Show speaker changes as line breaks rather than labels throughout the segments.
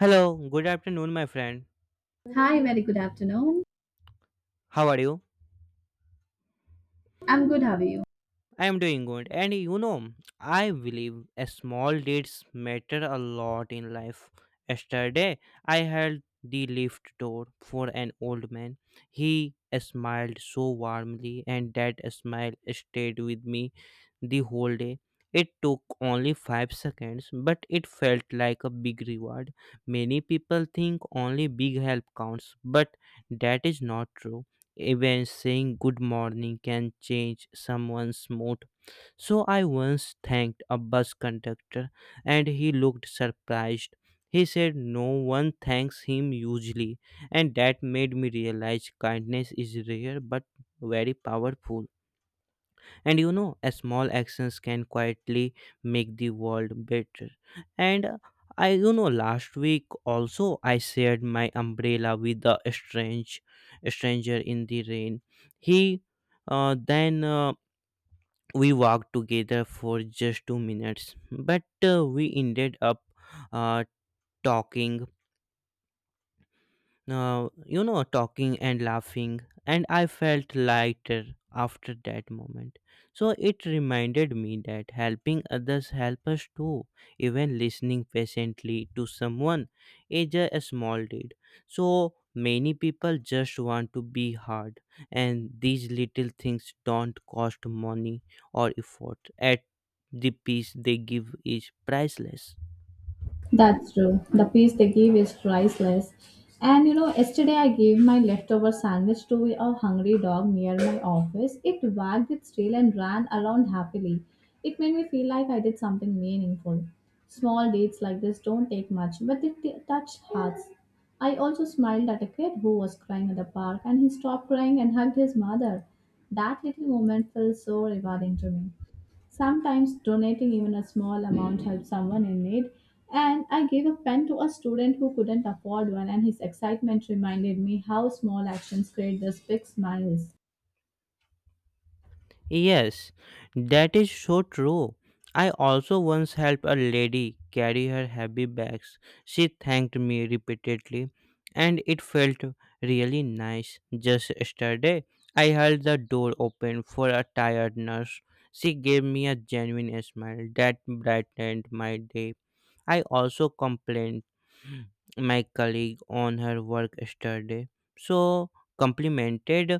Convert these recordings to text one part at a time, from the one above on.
Hello, good afternoon, my friend.
Hi, very good afternoon.
How are you?
I'm good, how are you?
I am doing good. And you know, I believe a small deeds matter a lot in life. Yesterday, I held the lift door for an old man. He smiled so warmly, and that smile stayed with me the whole day. It took only 5 seconds, but it felt like a big reward. Many people think only big help counts, but that is not true. Even saying good morning can change someone's mood. So I once thanked a bus conductor and he looked surprised. He said no one thanks him usually, and that made me realize kindness is rare but very powerful. And you know, a small actions can quietly make the world better. And last week also I shared my umbrella with a stranger in the rain. He, then we walked together for just 2 minutes, but we ended up uh, talking talking and laughing, and I felt lighter after that moment. So it reminded me that helping others help us too. Even listening patiently to someone is a small deed. So many people just want to be hard, and these little things don't cost money or effort. At the peace they give is priceless.
That's true. The piece they give is priceless. And you know, yesterday I gave my leftover sandwich to a hungry dog near my office. It wagged its tail and ran around happily. It made me feel like I did something meaningful. Small deeds like this don't take much, but they touch hearts. I also smiled at a kid who was crying at the park, and he stopped crying and hugged his mother. That little moment felt so rewarding to me. Sometimes donating even a small amount helps someone in need. And I gave a pen to a student who couldn't afford one, and his excitement reminded me how small actions create these big smiles.
Yes, that is so true. I also once helped a lady carry her heavy bags. She thanked me repeatedly, and it felt really nice. Just yesterday, I held the door open for a tired nurse. She gave me a genuine smile that brightened my day. I also complained my colleague on her work yesterday. So complimented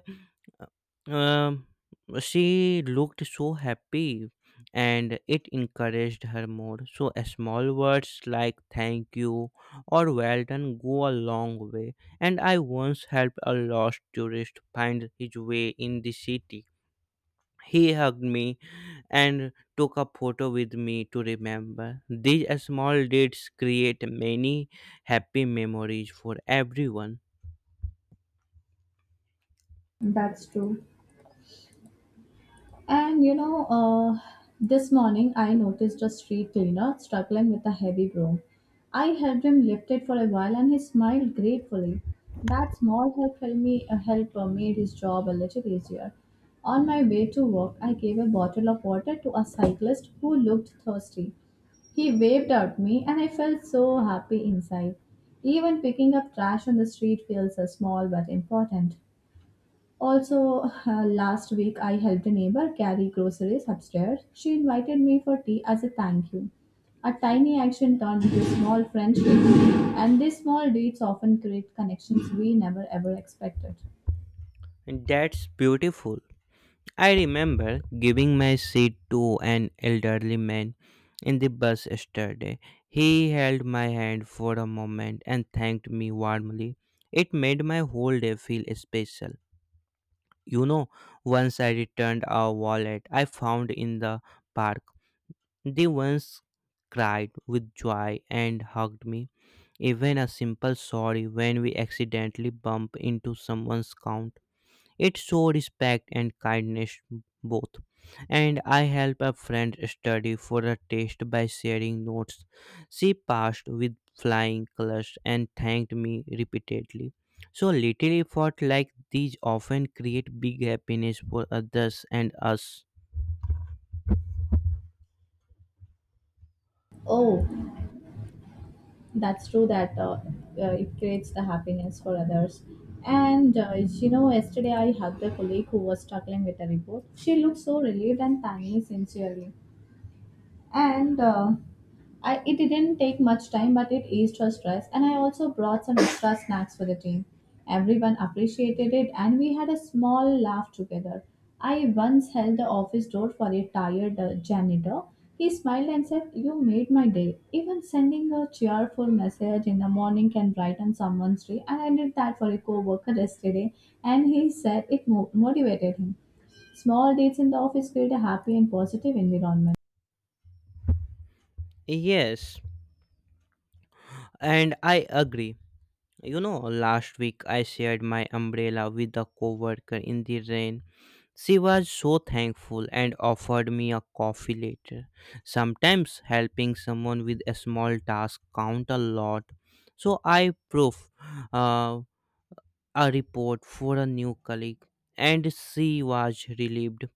um, she looked so happy and it encouraged her more. So, a small words like thank you or well done go a long way. And I once helped a lost tourist find his way in the city. He hugged me and took a photo with me to remember. These small dates create many happy memories for everyone.
That's true. And you know, this morning I noticed a street cleaner struggling with a heavy broom. I helped him lift it for a while, and he smiled gratefully. That small help helped me help made his job a little easier. On my way to work, I gave a bottle of water to a cyclist who looked thirsty. He waved at me, and I felt so happy inside. Even picking up trash on the street feels small but important. Also, last week I helped a neighbor carry groceries upstairs. She invited me for tea as a thank you. A tiny action turned into small friendships, and these small deeds often create connections we never ever expected.
And that's beautiful. I remember giving my seat to an elderly man in the bus yesterday. He held my hand for a moment and thanked me warmly. It made my whole day feel special. You know, once I returned a wallet I found in the park. They once cried with joy and hugged me. Even a simple sorry when we accidentally bump into someone's count. It showed respect and kindness both. And I helped a friend study for a test by sharing notes. She passed with flying colors and thanked me repeatedly. So little effort like these often create big happiness for others and us.
Oh, that's true that it creates the happiness for others. And you know, yesterday I hugged a colleague who was struggling with a report. She looked so relieved and thanked me sincerely. And it didn't take much time, but it eased her stress. And I also brought some extra snacks for the team. Everyone appreciated it, and we had a small laugh together. I once held the office door for a tired janitor. He smiled and said, you made my day. Even sending a cheerful message in the morning can brighten someone's day, and I did that for a coworker yesterday, and he said it motivated him. Small dates in the office create a happy and positive environment.
Yes, and I agree. You know, last week I shared my umbrella with a coworker in the rain. She was so thankful and offered me a coffee later. Sometimes helping someone with a small task count a lot. So I proof uh, a report for a new colleague and she was relieved,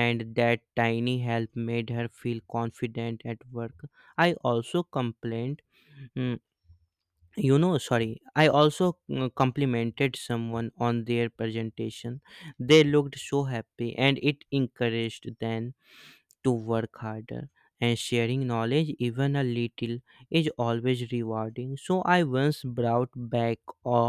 and that tiny help made her feel confident at work. I also complained "Hmm, you know sorry I also mm, complimented someone on their presentation. They looked so happy and it encouraged them to work harder, and sharing knowledge even a little is always rewarding. So I once brought back a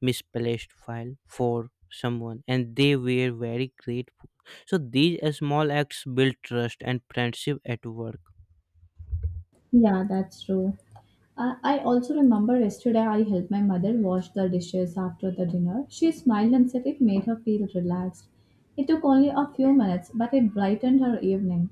misplaced file for someone and they were very grateful. So these small acts build trust and friendship at work.
Yeah, that's true. I also remember yesterday I helped my mother wash the dishes after the dinner. She smiled and said it made her feel relaxed. It took only a few minutes, but it brightened her evening.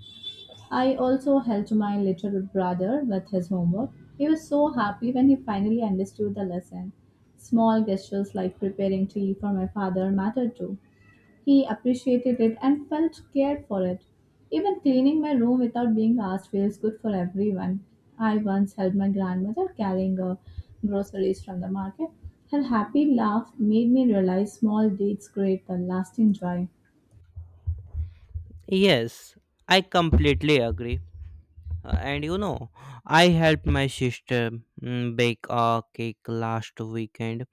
I also helped my little brother with his homework. He was so happy when he finally understood the lesson. Small gestures like preparing tea for my father mattered too. He appreciated it and felt cared for it. Even cleaning my room without being asked feels good for everyone. I once helped my grandmother carrying groceries from the market. Her happy laugh made me realize small deeds create the lasting joy.
Yes, I completely agree. And you know, I helped my sister bake a cake last weekend.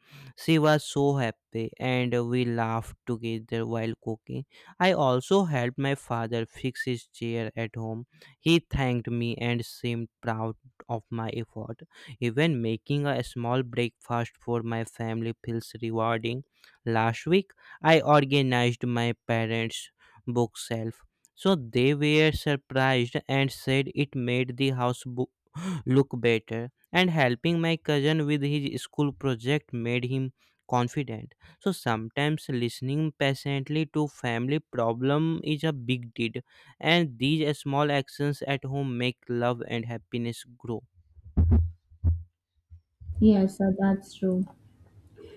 She was so happy and we laughed together while cooking. I also helped my father fix his chair at home. He thanked me and seemed proud of my effort. Even making a small breakfast for my family feels rewarding. Last week, I organized my parents' bookshelf, so they were surprised and said it made the house look better. And helping my cousin with his school project made him confident. So sometimes listening patiently to family problem is a big deed, and these small actions at home make love and happiness grow.
Yes, sir, that's true.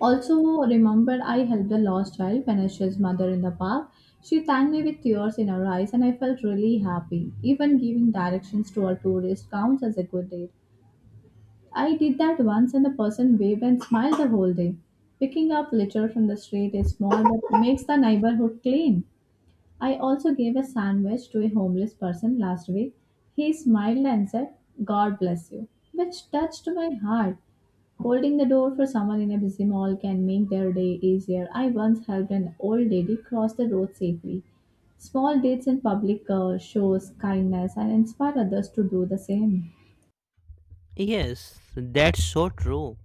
Also, remember I helped a lost child punish his mother in the park. She thanked me with tears in her eyes, and I felt really happy. Even giving directions to a tourist counts as a good deed. I did that once, and the person waved and smiled the whole day. Picking up litter from the street is small but makes the neighborhood clean. I also gave a sandwich to a homeless person last week. He smiled and said, God bless you, which touched my heart. Holding the door for someone in a busy mall can make their day easier. I once helped an old lady cross the road safely. Small deeds in public shows kindness and inspire others to do the same.
Yes, that's so true.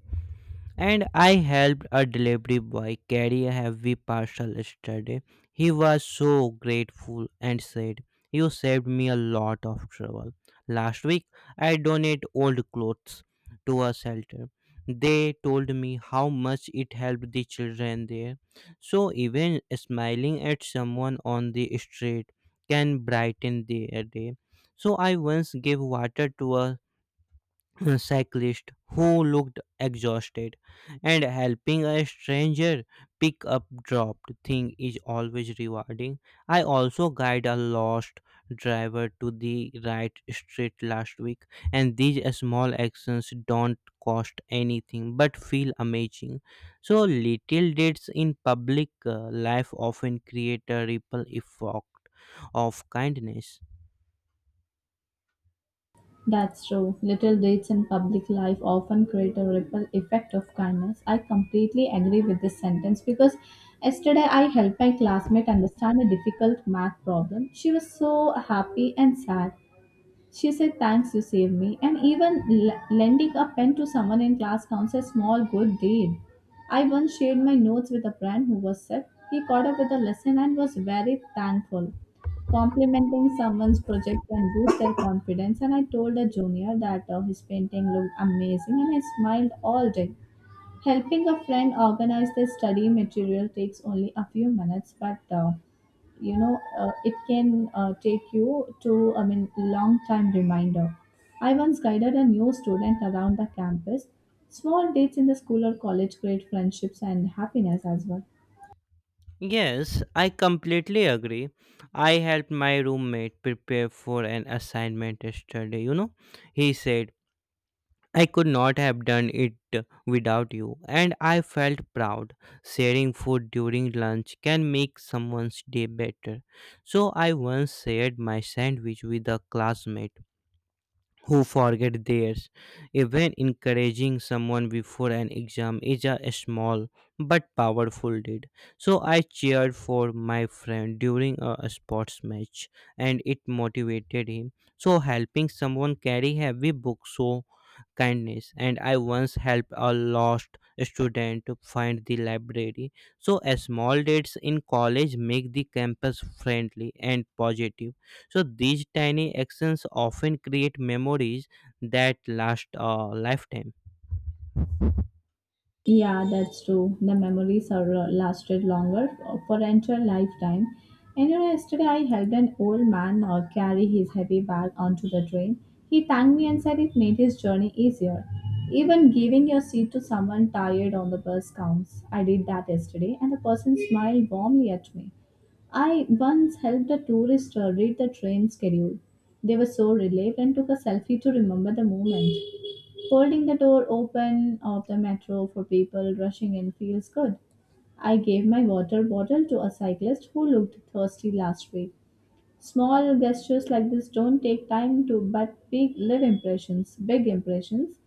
And I helped a delivery boy carry a heavy parcel yesterday. He was so grateful and said, You saved me a lot of trouble. Last week, I donated old clothes to a shelter. They told me how much it helped the children there. So, even smiling at someone on the street can brighten their day. So, I once gave water to a cyclist who looked exhausted, and helping a stranger pick up dropped thing is always rewarding. I also guide a lost driver to the right street last week, and these small actions don't cost anything but feel amazing. So little deeds in public life often create a ripple effect of kindness.
That's true. Little deeds in public life often create a ripple effect of kindness. I completely agree with this sentence because yesterday I helped my classmate understand a difficult math problem. She was so happy and sad. She said, Thanks, you saved me. And even lending a pen to someone in class counts as small good deed. I once shared my notes with a friend who was sick. He caught up with a lesson and was very thankful. Complimenting someone's project can boost their confidence, and I told a junior that his painting looked amazing and I smiled all day. Helping a friend organize their study material takes only a few minutes, but it can take you to, I mean, long time reminder. I once guided a new student around the campus. Small dates in the school or college create friendships and happiness as well.
Yes, I completely agree. I helped my roommate prepare for an assignment yesterday. You know, he said, I could not have done it without you, and I felt proud. Sharing food during lunch can make someone's day better. So, I once shared my sandwich with a classmate who forget theirs. Even encouraging someone before an exam is a small but powerful deed. So I cheered for my friend during a sports match and it motivated him. So helping someone carry heavy books so kindness, and I once helped a lost student to find the library. So a small dates in college make the campus friendly and positive. So these tiny actions often create memories that last a lifetime.
Yeah, that's true. The memories are lasted longer for entire lifetime. And you know, yesterday I helped an old man carry his heavy bag onto the train. He thanked me and said it made his journey easier. Even giving your seat to someone tired on the bus counts. I did that yesterday, and the person smiled warmly at me. I once helped a tourist read the train schedule. They were so relieved and took a selfie to remember the moment. Holding the door open of the metro for people rushing in feels good. I gave my water bottle to a cyclist who looked thirsty last week. Small gestures like this don't take time to, but big live impressions, big impressions.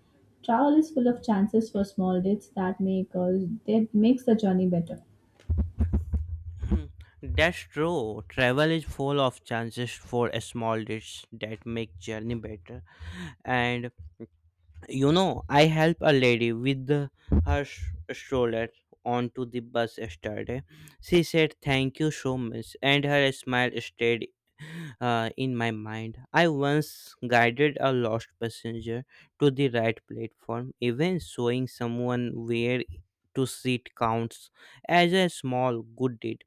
Travel is full of chances for small deeds that make us that makes the journey better.
Hmm. That's true. Travel is full of chances for small deeds that make journey better. And you know, I helped a lady with her stroller onto the bus yesterday. She said, Thank you so much, and her smile stayed in my mind. I once guided a lost passenger to the right platform. Even showing someone where to sit counts as a small good deed.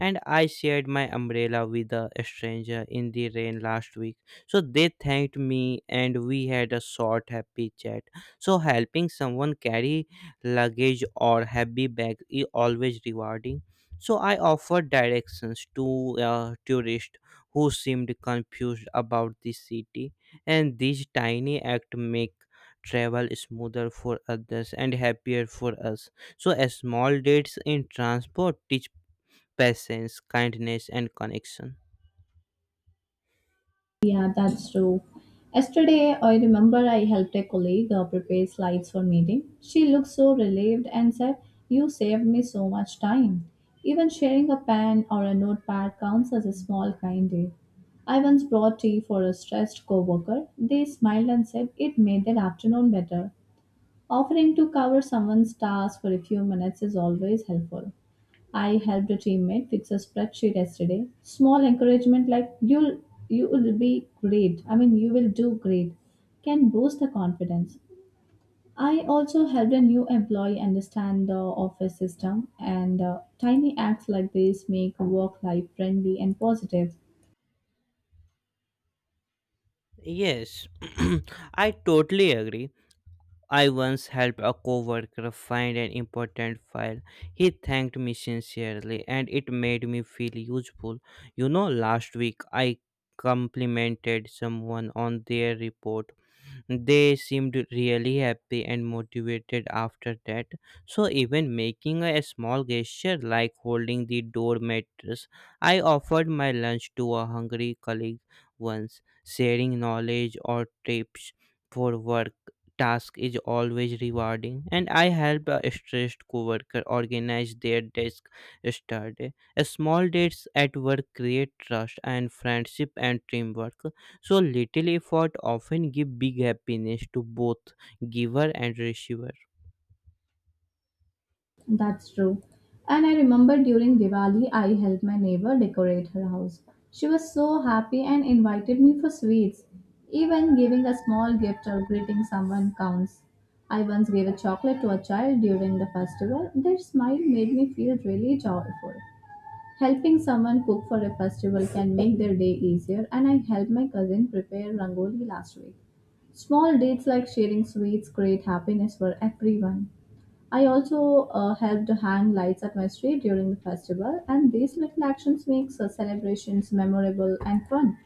And I shared my umbrella with a stranger in the rain last week, so they thanked me and we had a short happy chat. So helping someone carry luggage or heavy bag is always rewarding. So I offered directions to a tourist who seemed confused about the city, and these tiny acts make travel smoother for others and happier for us. So a small dates in transport teach patience, kindness, and connection.
Yeah, that's true. Yesterday, I remember I helped a colleague prepare slides for meeting. She looked so relieved and said, "You saved me so much time." Even sharing a pen or a notepad counts as a small kind deed. I once brought tea for a stressed coworker. They smiled and said it made their afternoon better. Offering to cover someone's task for a few minutes is always helpful. I helped a teammate fix a spreadsheet yesterday. Small encouragement like you will do great can boost the confidence. I also helped a new employee understand the office system, and tiny acts like this make work life friendly and positive.
Yes, I totally agree. I once helped a coworker find an important file. He thanked me sincerely and it made me feel useful. You know, last week I complimented someone on their report. They seemed really happy and motivated after that. So, even making a small gesture like holding the door mattress, I offered my lunch to a hungry colleague once. Sharing knowledge or tips for work task is always rewarding, and I helped a stressed coworker organize their desk yesterday. A small dates at work create trust and friendship and teamwork. So little effort often give big happiness to both giver and receiver.
That's true. And I remember during Diwali, I helped my neighbor decorate her house. She was so happy and invited me for sweets. Even giving a small gift or greeting someone counts. I once gave a chocolate to a child during the festival. Their smile made me feel really joyful. Helping someone cook for a festival can make their day easier, and I helped my cousin prepare rangoli last week. Small deeds like sharing sweets create happiness for everyone. I also helped hang lights at my street during the festival, and these little actions makes celebrations memorable and fun.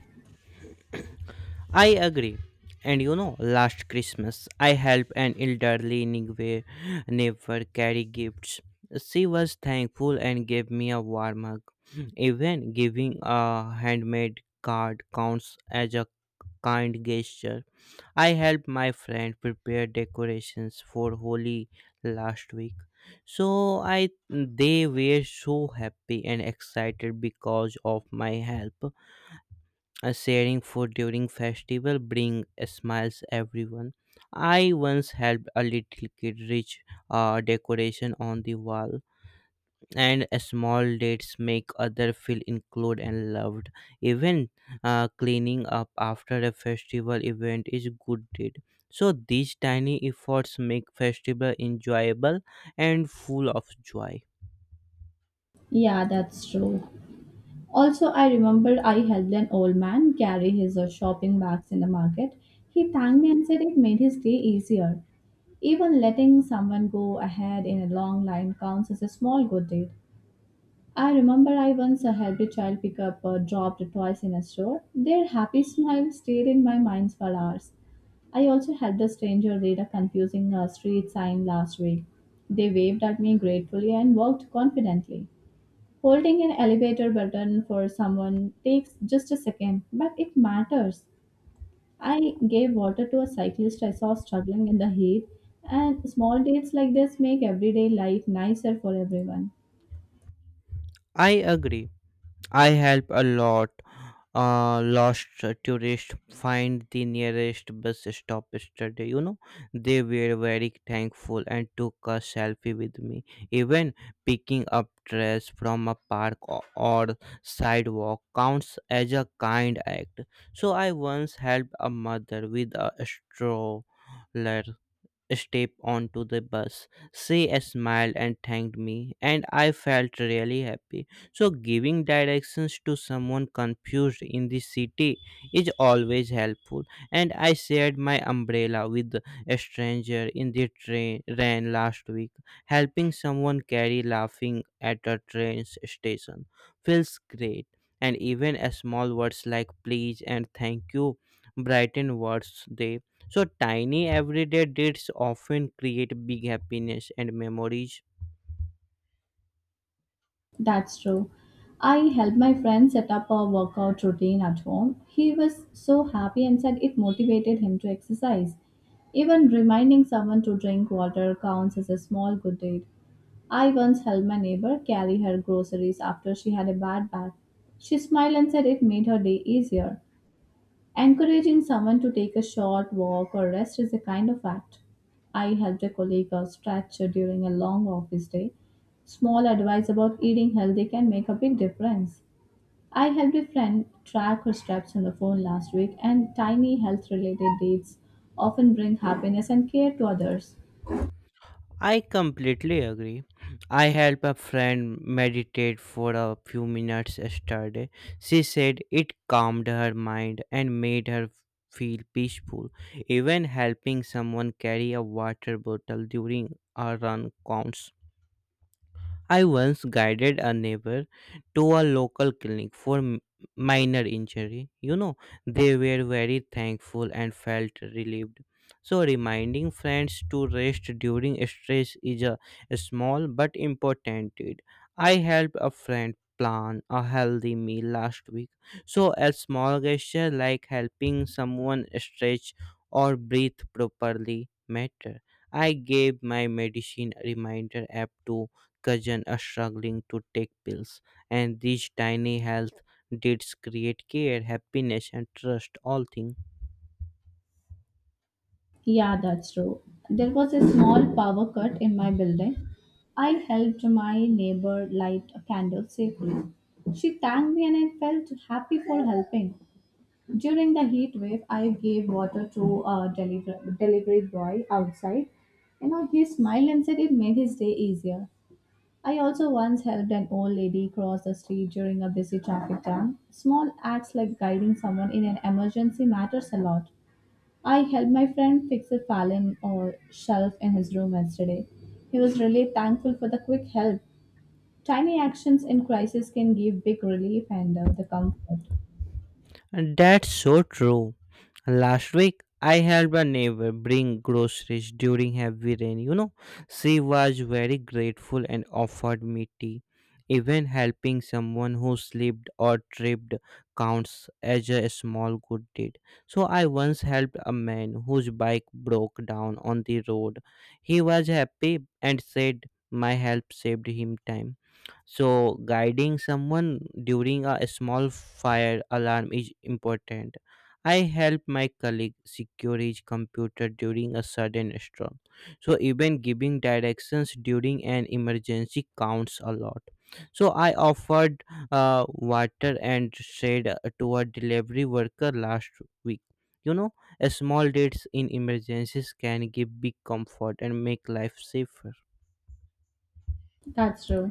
I agree. And you know, last Christmas, I helped an elderly Nigwe neighbor carry gifts. She was thankful and gave me a warm hug. Even giving a handmade card counts as a kind gesture. I helped my friend prepare decorations for Holi last week. So I they were so happy and excited because of my help. Sharing food during festival bring smiles everyone. I once helped a little kid reach a decoration on the wall, and small dates make other feel included and loved. Even cleaning up after a festival event is good deed. So these tiny efforts make festival enjoyable and full of joy.
Yeah, that's true. Also, I remembered I helped an old man carry his shopping bags in the market. He thanked me and said it made his day easier. Even letting someone go ahead in a long line counts as a small good deed. I remember I once helped a child pick up dropped toys in a store. Their happy smile stayed in my mind for hours. I also helped a stranger read a confusing street sign last week. They waved at me gratefully and walked confidently. Holding an elevator button for someone takes just a second, but it matters. I gave water to a cyclist I saw struggling in the heat, and small deeds like this make everyday life nicer for everyone.
I agree. I help a lot. Lost tourists find the nearest bus stop yesterday. You know, they were very thankful and took a selfie with me. Even picking up trash from a park or sidewalk counts as a kind act. So I once helped a mother with a stroller step onto the bus. She smiled and thanked me, and I felt really happy. So, giving directions to someone confused in the city is always helpful. And I shared my umbrella with a stranger in the train rain last week. Helping someone carry laughing at a train station feels great. And even a small words like please and thank you brighten words day. So, tiny everyday deeds often create big happiness and memories.
That's true. I helped my friend set up a workout routine at home. He was so happy and said it motivated him to exercise. Even reminding someone to drink water counts as a small good deed. I once helped my neighbor carry her groceries after she had a bad back. She smiled and said it made her day easier. Encouraging someone to take a short walk or rest is a kind of act. I helped a colleague out stretch during a long office day. Small advice about eating healthy can make a big difference. I helped a friend track her steps on the phone last week, and tiny health related deeds often bring happiness and care to others.
I completely agree. I helped a friend meditate for a few minutes yesterday. She said it calmed her mind and made her feel peaceful. Even helping someone carry a water bottle during a run counts. I once guided a neighbor to a local clinic for minor injury. You know, they were very thankful and felt relieved. So, reminding friends to rest during stress is a small but important deed. I helped a friend plan a healthy meal last week. So, a small gesture like helping someone stretch or breathe properly matter. I gave my medicine reminder app to cousin are struggling to take pills, and these tiny health deeds create care, happiness, and trust. All things,
Yeah, that's true. There was a small power cut in my building. I helped my neighbor light a candle safely. She thanked me and I felt happy for helping. During the heat wave, I gave water to a delivery boy outside. You know, he smiled and said it made his day easier. I also once helped an old lady cross the street during a busy traffic jam. Small acts like guiding someone in an emergency matters a lot. I helped my friend fix a fallen or shelf in his room yesterday. He was really thankful for the quick help. Tiny actions in crisis can give big relief and the comfort.
and that's so true. Last week, I helped a neighbor bring groceries during heavy rain. She was very grateful and offered me tea. Even helping someone who slipped or tripped counts as a small good deed. So, I once helped a man whose bike broke down on the road. He was happy and said, "My help saved him time." So, guiding someone during a small fire alarm is important. I helped my colleague secure his computer during a sudden storm. So even giving directions during an emergency counts a lot. So I offered water and shade to a delivery worker last week. You know, a small deeds in emergencies can give big comfort and make life safer.
That's true.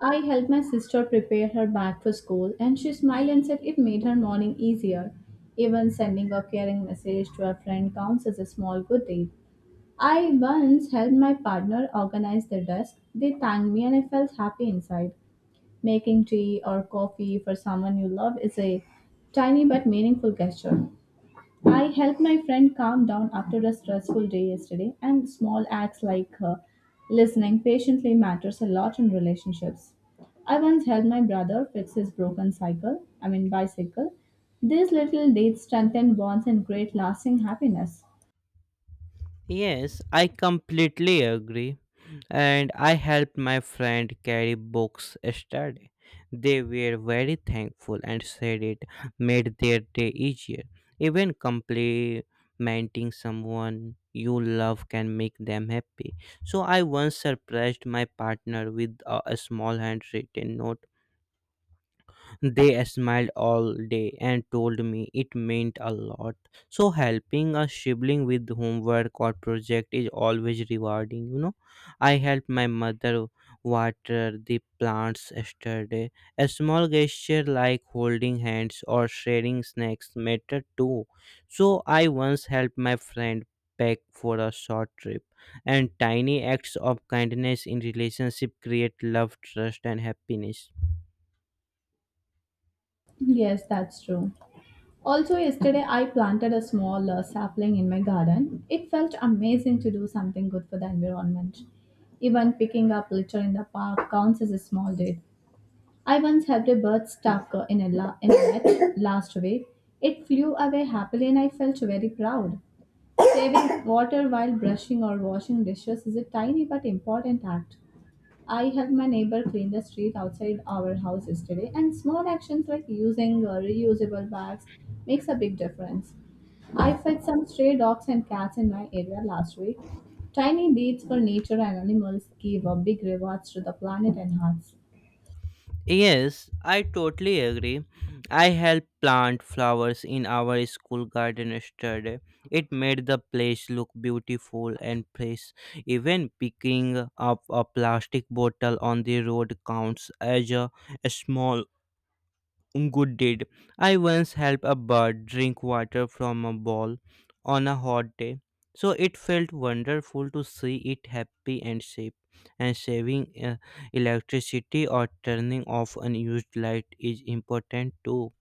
I helped my sister prepare her bag for school, and she smiled and said it made her morning easier. Even sending a caring message to a friend counts as a small good deed. I once helped my partner organize their desk. They thanked me, and I felt happy inside. Making tea or coffee for someone you love is a tiny but meaningful gesture. I helped my friend calm down after a stressful day yesterday, and small acts like listening patiently matters a lot in relationships. I once helped my brother fix his broken cycle, I mean bicycle. These little deeds strengthen bonds and create lasting happiness.
Yes, I completely agree. And I helped my friend carry books yesterday. They were very thankful and said it made their day easier. Even complimenting someone you love can make them happy. So I once surprised my partner with a small handwritten note. They smiled all day and told me it meant a lot. So helping a sibling with homework or project is always rewarding. I helped my mother water the plants yesterday. A small gesture like holding hands or sharing snacks matter too. So I once helped my friend pack for a short trip, and tiny acts of kindness in relationship create love, trust and happiness.
Yes, that's true. Also, yesterday I planted a small sapling in my garden. It felt amazing to do something good for the environment. Even picking up litter in the park counts as a small deed. I once helped a bird stuck in in a net last week. It flew away happily and I felt very proud. Saving water while brushing or washing dishes is a tiny but important act. I helped my neighbor clean the street outside our house yesterday, and small actions like using reusable bags makes a big difference. I fed some stray dogs and cats in my area last week. Tiny deeds for nature and animals give big rewards to the planet and hearts.
Yes, I totally agree. I helped plant flowers in our school garden yesterday. It made the place look beautiful and fresh. Even picking up a plastic bottle on the road counts as a small Good did. I once helped a bird drink water from a bowl on a hot day. So it felt wonderful to see it happy and safe. And saving electricity or turning off unused light is important too.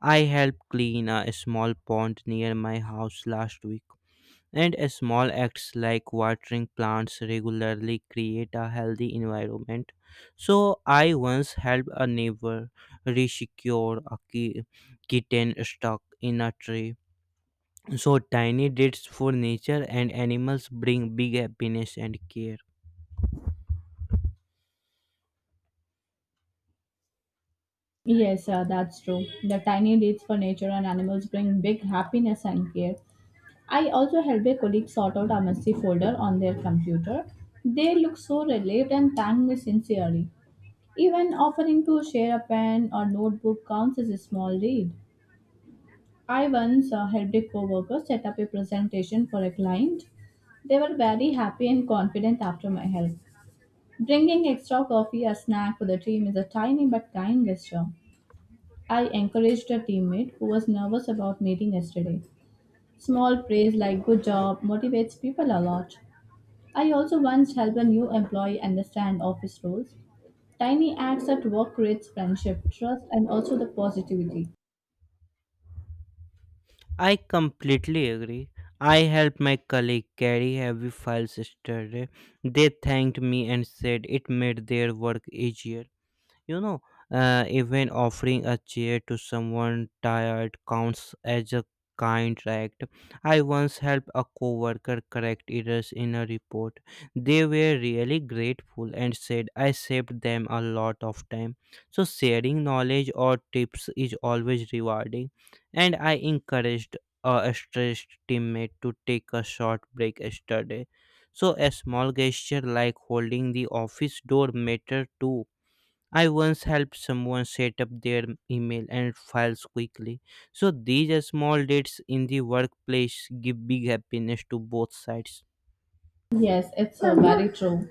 I helped clean a small pond near my house last week. And small acts like watering plants regularly create a healthy environment. So, I once helped a neighbor resecure a kitten stuck in a tree. So, tiny deeds for nature and animals bring big happiness and care.
Yes, that's true. The tiny deeds for nature and animals bring big happiness and care. I also helped a colleague sort out a messy folder on their computer. They looked so relieved and thanked me sincerely. Even offering to share a pen or notebook counts as a small deed. I once helped a coworker set up a presentation for a client. They were very happy and confident after my help. Bringing extra coffee or snack for the team is a tiny but kind gesture. I encouraged a teammate who was nervous about meeting yesterday. Small praise like good job motivates people a lot. I also once helped a new employee understand office rules. Tiny acts at work creates friendship, trust, and also the positivity.
I completely agree. I helped my colleague carry heavy files yesterday. They thanked me and said it made their work easier. You know, Even offering a chair to someone tired counts as a kind act. I once helped a coworker correct errors in a report. They were really grateful and said I saved them a lot of time. So sharing knowledge or tips is always rewarding, and I encouraged a stressed teammate to take a short break yesterday. So a small gesture like holding the office door matter too. I once helped someone set up their email and files quickly. So these small dates in the workplace give big happiness to both sides.
Yes, it's very true.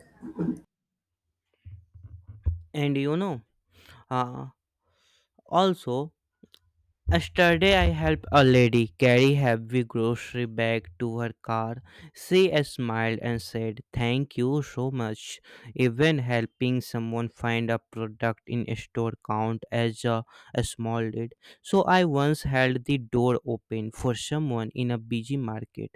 And uh, also, yesterday, I helped a lady carry heavy grocery bag to her car. She smiled and said, "Thank you so much." Even helping someone find a product in a store count as a small deed. So I once held the door open for someone in a busy market,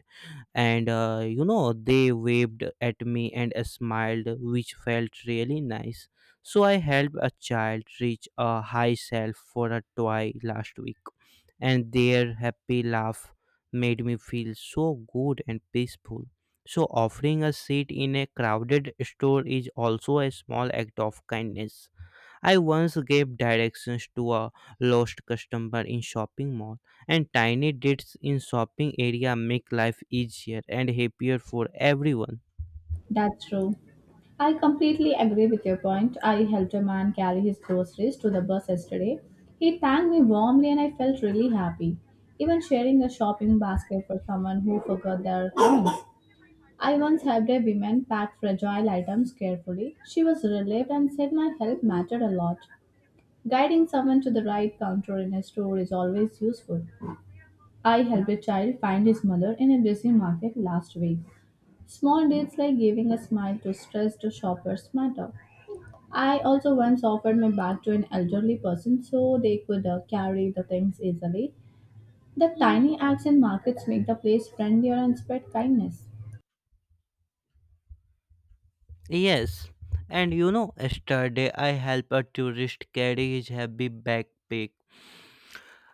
and they waved at me and smiled, which felt really nice. So I helped a child reach a high shelf for a toy last week, and their happy laugh made me feel so good and peaceful. So offering a seat in a crowded store is also a small act of kindness. I once gave directions to a lost customer in shopping mall, and tiny deeds in shopping area make life easier and happier for everyone.
That's true. I completely agree with your point. I helped a man carry his groceries to the bus yesterday. He thanked me warmly and I felt really happy. Even sharing a shopping basket for someone who forgot their things. I once helped a woman pack fragile items carefully. She was relieved and said my help mattered a lot. Guiding someone to the right counter in a store is always useful. I helped a child find his mother in a busy market last week. Small deeds like giving a smile to stressed shoppers matter. I also once offered my bag to an elderly person so they could carry the things easily. The tiny acts in markets make the place friendlier and spread kindness.
Yes, and yesterday I helped a tourist carry his heavy backpack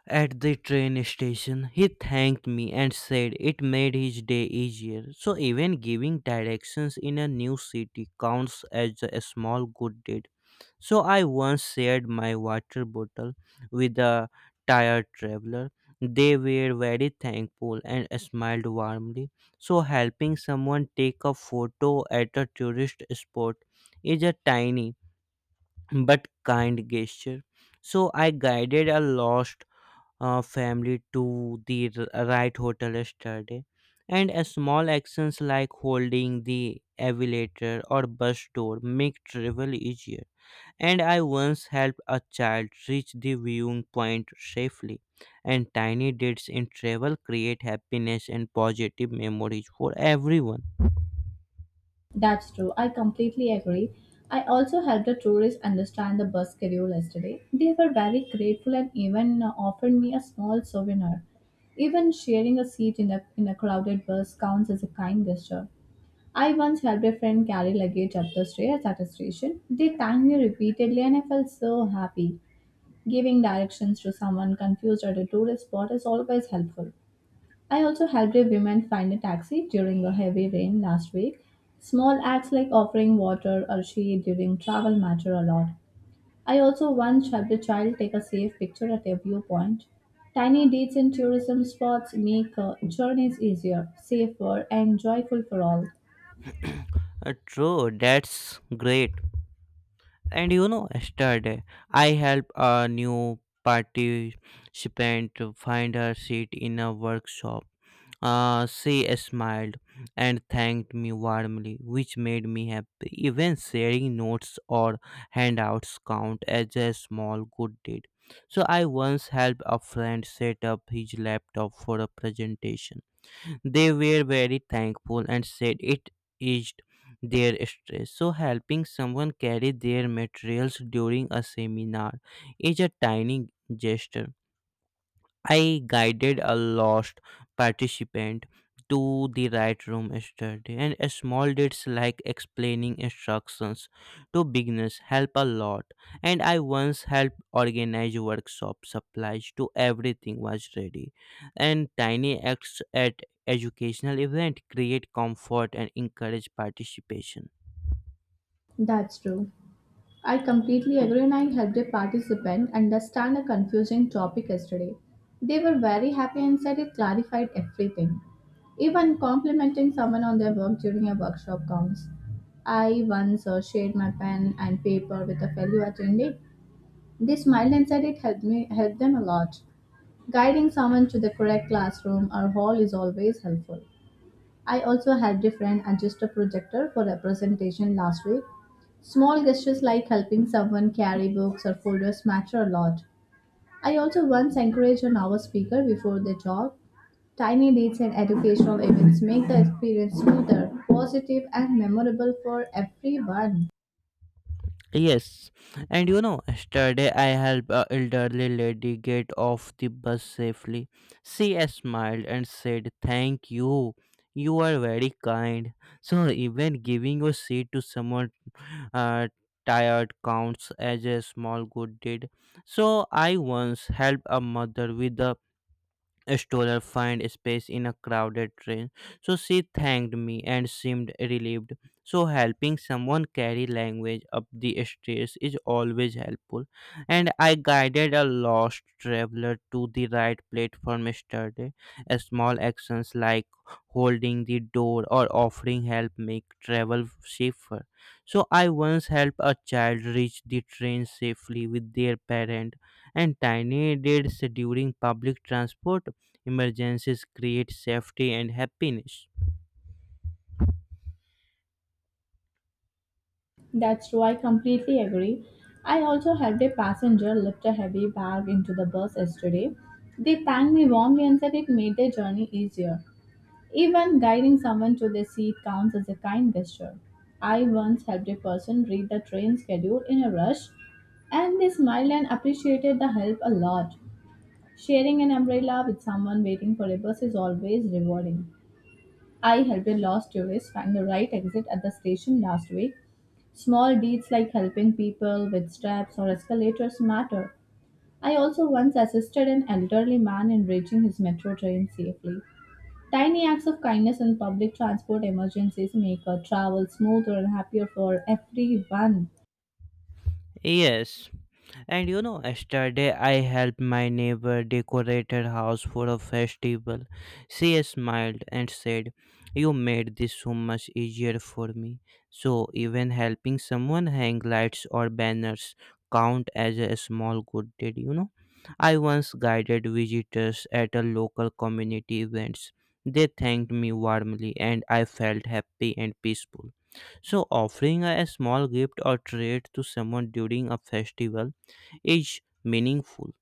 at the train station. He thanked me and said it made his day easier. So, even giving directions in a new city counts as a small good deed. So I once shared my water bottle with a tired traveler. They were very thankful and smiled warmly. So helping someone take a photo at a tourist spot is a tiny but kind gesture. So I guided a lost family to the right hotel yesterday. And a small actions like holding the elevator or bus door make travel easier. And I once helped a child reach the viewing point safely. And tiny deeds in travel create happiness and positive memories for everyone.
That's true. I completely agree. I also helped a tourist understand the bus schedule yesterday. They were very grateful and even offered me a small souvenir. Even sharing a seat in in a crowded bus counts as a kind gesture. I once helped a friend carry luggage up the stairs at a station. They thanked me repeatedly and I felt so happy. Giving directions to someone confused at a tourist spot is always helpful. I also helped a woman find a taxi during a heavy rain last week. Small acts like offering water or shade during travel matter a lot. I also once helped a child take a safe picture at a viewpoint. Tiny deeds in tourism spots make journeys easier, safer, and joyful for all.
True, that's great. And yesterday I helped a new participant to find her seat in a workshop. She smiled and thanked me warmly, which made me happy. Even sharing notes or handouts count as a small good deed. So I once helped a friend set up his laptop for a presentation. They were very thankful and said it eased their stress. So helping someone carry their materials during a seminar is a tiny gesture. I guided a lost participant to the right room yesterday, and a small deeds like explaining instructions to beginners help a lot. And I once helped organize workshop supplies to everything was ready. And tiny acts at educational event create comfort and encourage participation.
That's true. I completely agree, and I helped a participant understand a confusing topic yesterday. They were very happy and said it clarified everything. Even complimenting someone on their work during a workshop counts. I once shared my pen and paper with a fellow attendee. They smiled and said it helped them a lot. Guiding someone to the correct classroom or hall is always helpful. I also helped a friend adjust a projector for a presentation last week. Small gestures like helping someone carry books or folders matter a lot. I also once encouraged an hour speaker before the job. Tiny deeds in educational events make the experience smoother, positive, and memorable for everyone.
Yes, and yesterday I helped a elderly lady get off the bus safely. She smiled and said, "Thank you. You are very kind." So, even giving a seat to someone uh, tired counts as a small good deed. So, I once helped a mother with a stroller find space in a crowded train, so she thanked me and seemed relieved. So, helping someone carry language up the stairs is always helpful. And I guided a lost traveler to the right platform yesterday. A small actions like holding the door or offering help make travel safer. So, I once helped a child reach the train safely with their parent, and tiny deeds during public transport emergencies create safety and happiness.
That's true, I completely agree. I also helped a passenger lift a heavy bag into the bus yesterday. They thanked me warmly and said it made their journey easier. Even guiding someone to their seat counts as a kind gesture. I once helped a person read the train schedule in a rush, and they smiled and appreciated the help a lot. Sharing an umbrella with someone waiting for a bus is always rewarding. I helped a lost tourist find the right exit at the station last week. Small deeds like helping people with steps or escalators matter. I also once assisted an elderly man in reaching his metro train safely. Tiny acts of kindness in public transport emergencies make travel smoother and happier for everyone.
Yes, and yesterday I helped my neighbor decorate her house for a festival. She smiled and said, "You made this so much easier for me." So, even helping someone hang lights or banners count as a small good deed. I once guided visitors at a local community events. They thanked me warmly and I felt happy and peaceful. So, offering a small gift or treat to someone during a festival is meaningful.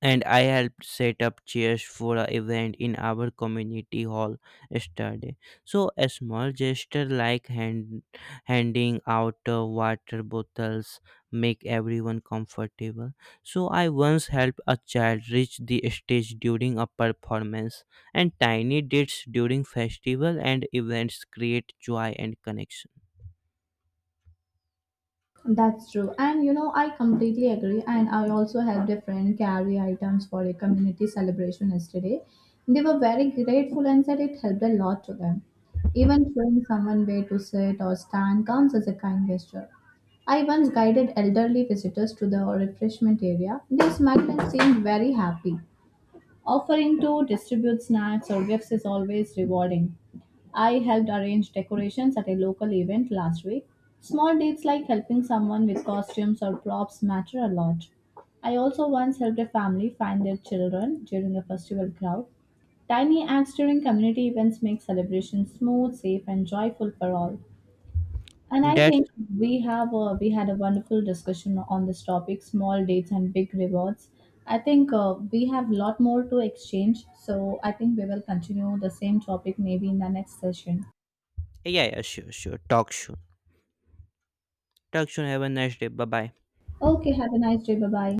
And I helped set up chairs for an event in our community hall yesterday. So a small gesture like handing out water bottles make everyone comfortable. So I once helped a child reach the stage during a performance, and tiny deeds during festival and events create joy and connection.
That's true. And you know, I completely agree. And I also helped a friend carry items for a community celebration yesterday. They were very grateful and said it helped a lot to them. Even showing someone where to sit or stand counts as a kind gesture. I once guided elderly visitors to the refreshment area. They smiled and seemed very happy. Offering to distribute snacks or gifts is always rewarding. I helped arrange decorations at a local event last week. Small deeds like helping someone with costumes or props matter a lot. I also once helped a family find their children during a festival crowd. Tiny acts during community events make celebrations smooth, safe, and joyful for all. And I
That's
think we had a wonderful discussion on this topic, small dates and big rewards. I think we have a lot more to exchange, so I think we will continue the same topic maybe in the next session.
yeah, yeah, sure, sure. Talk soon. Talk soon. Have a nice day. Bye bye.
Okay, have a nice day. Bye bye.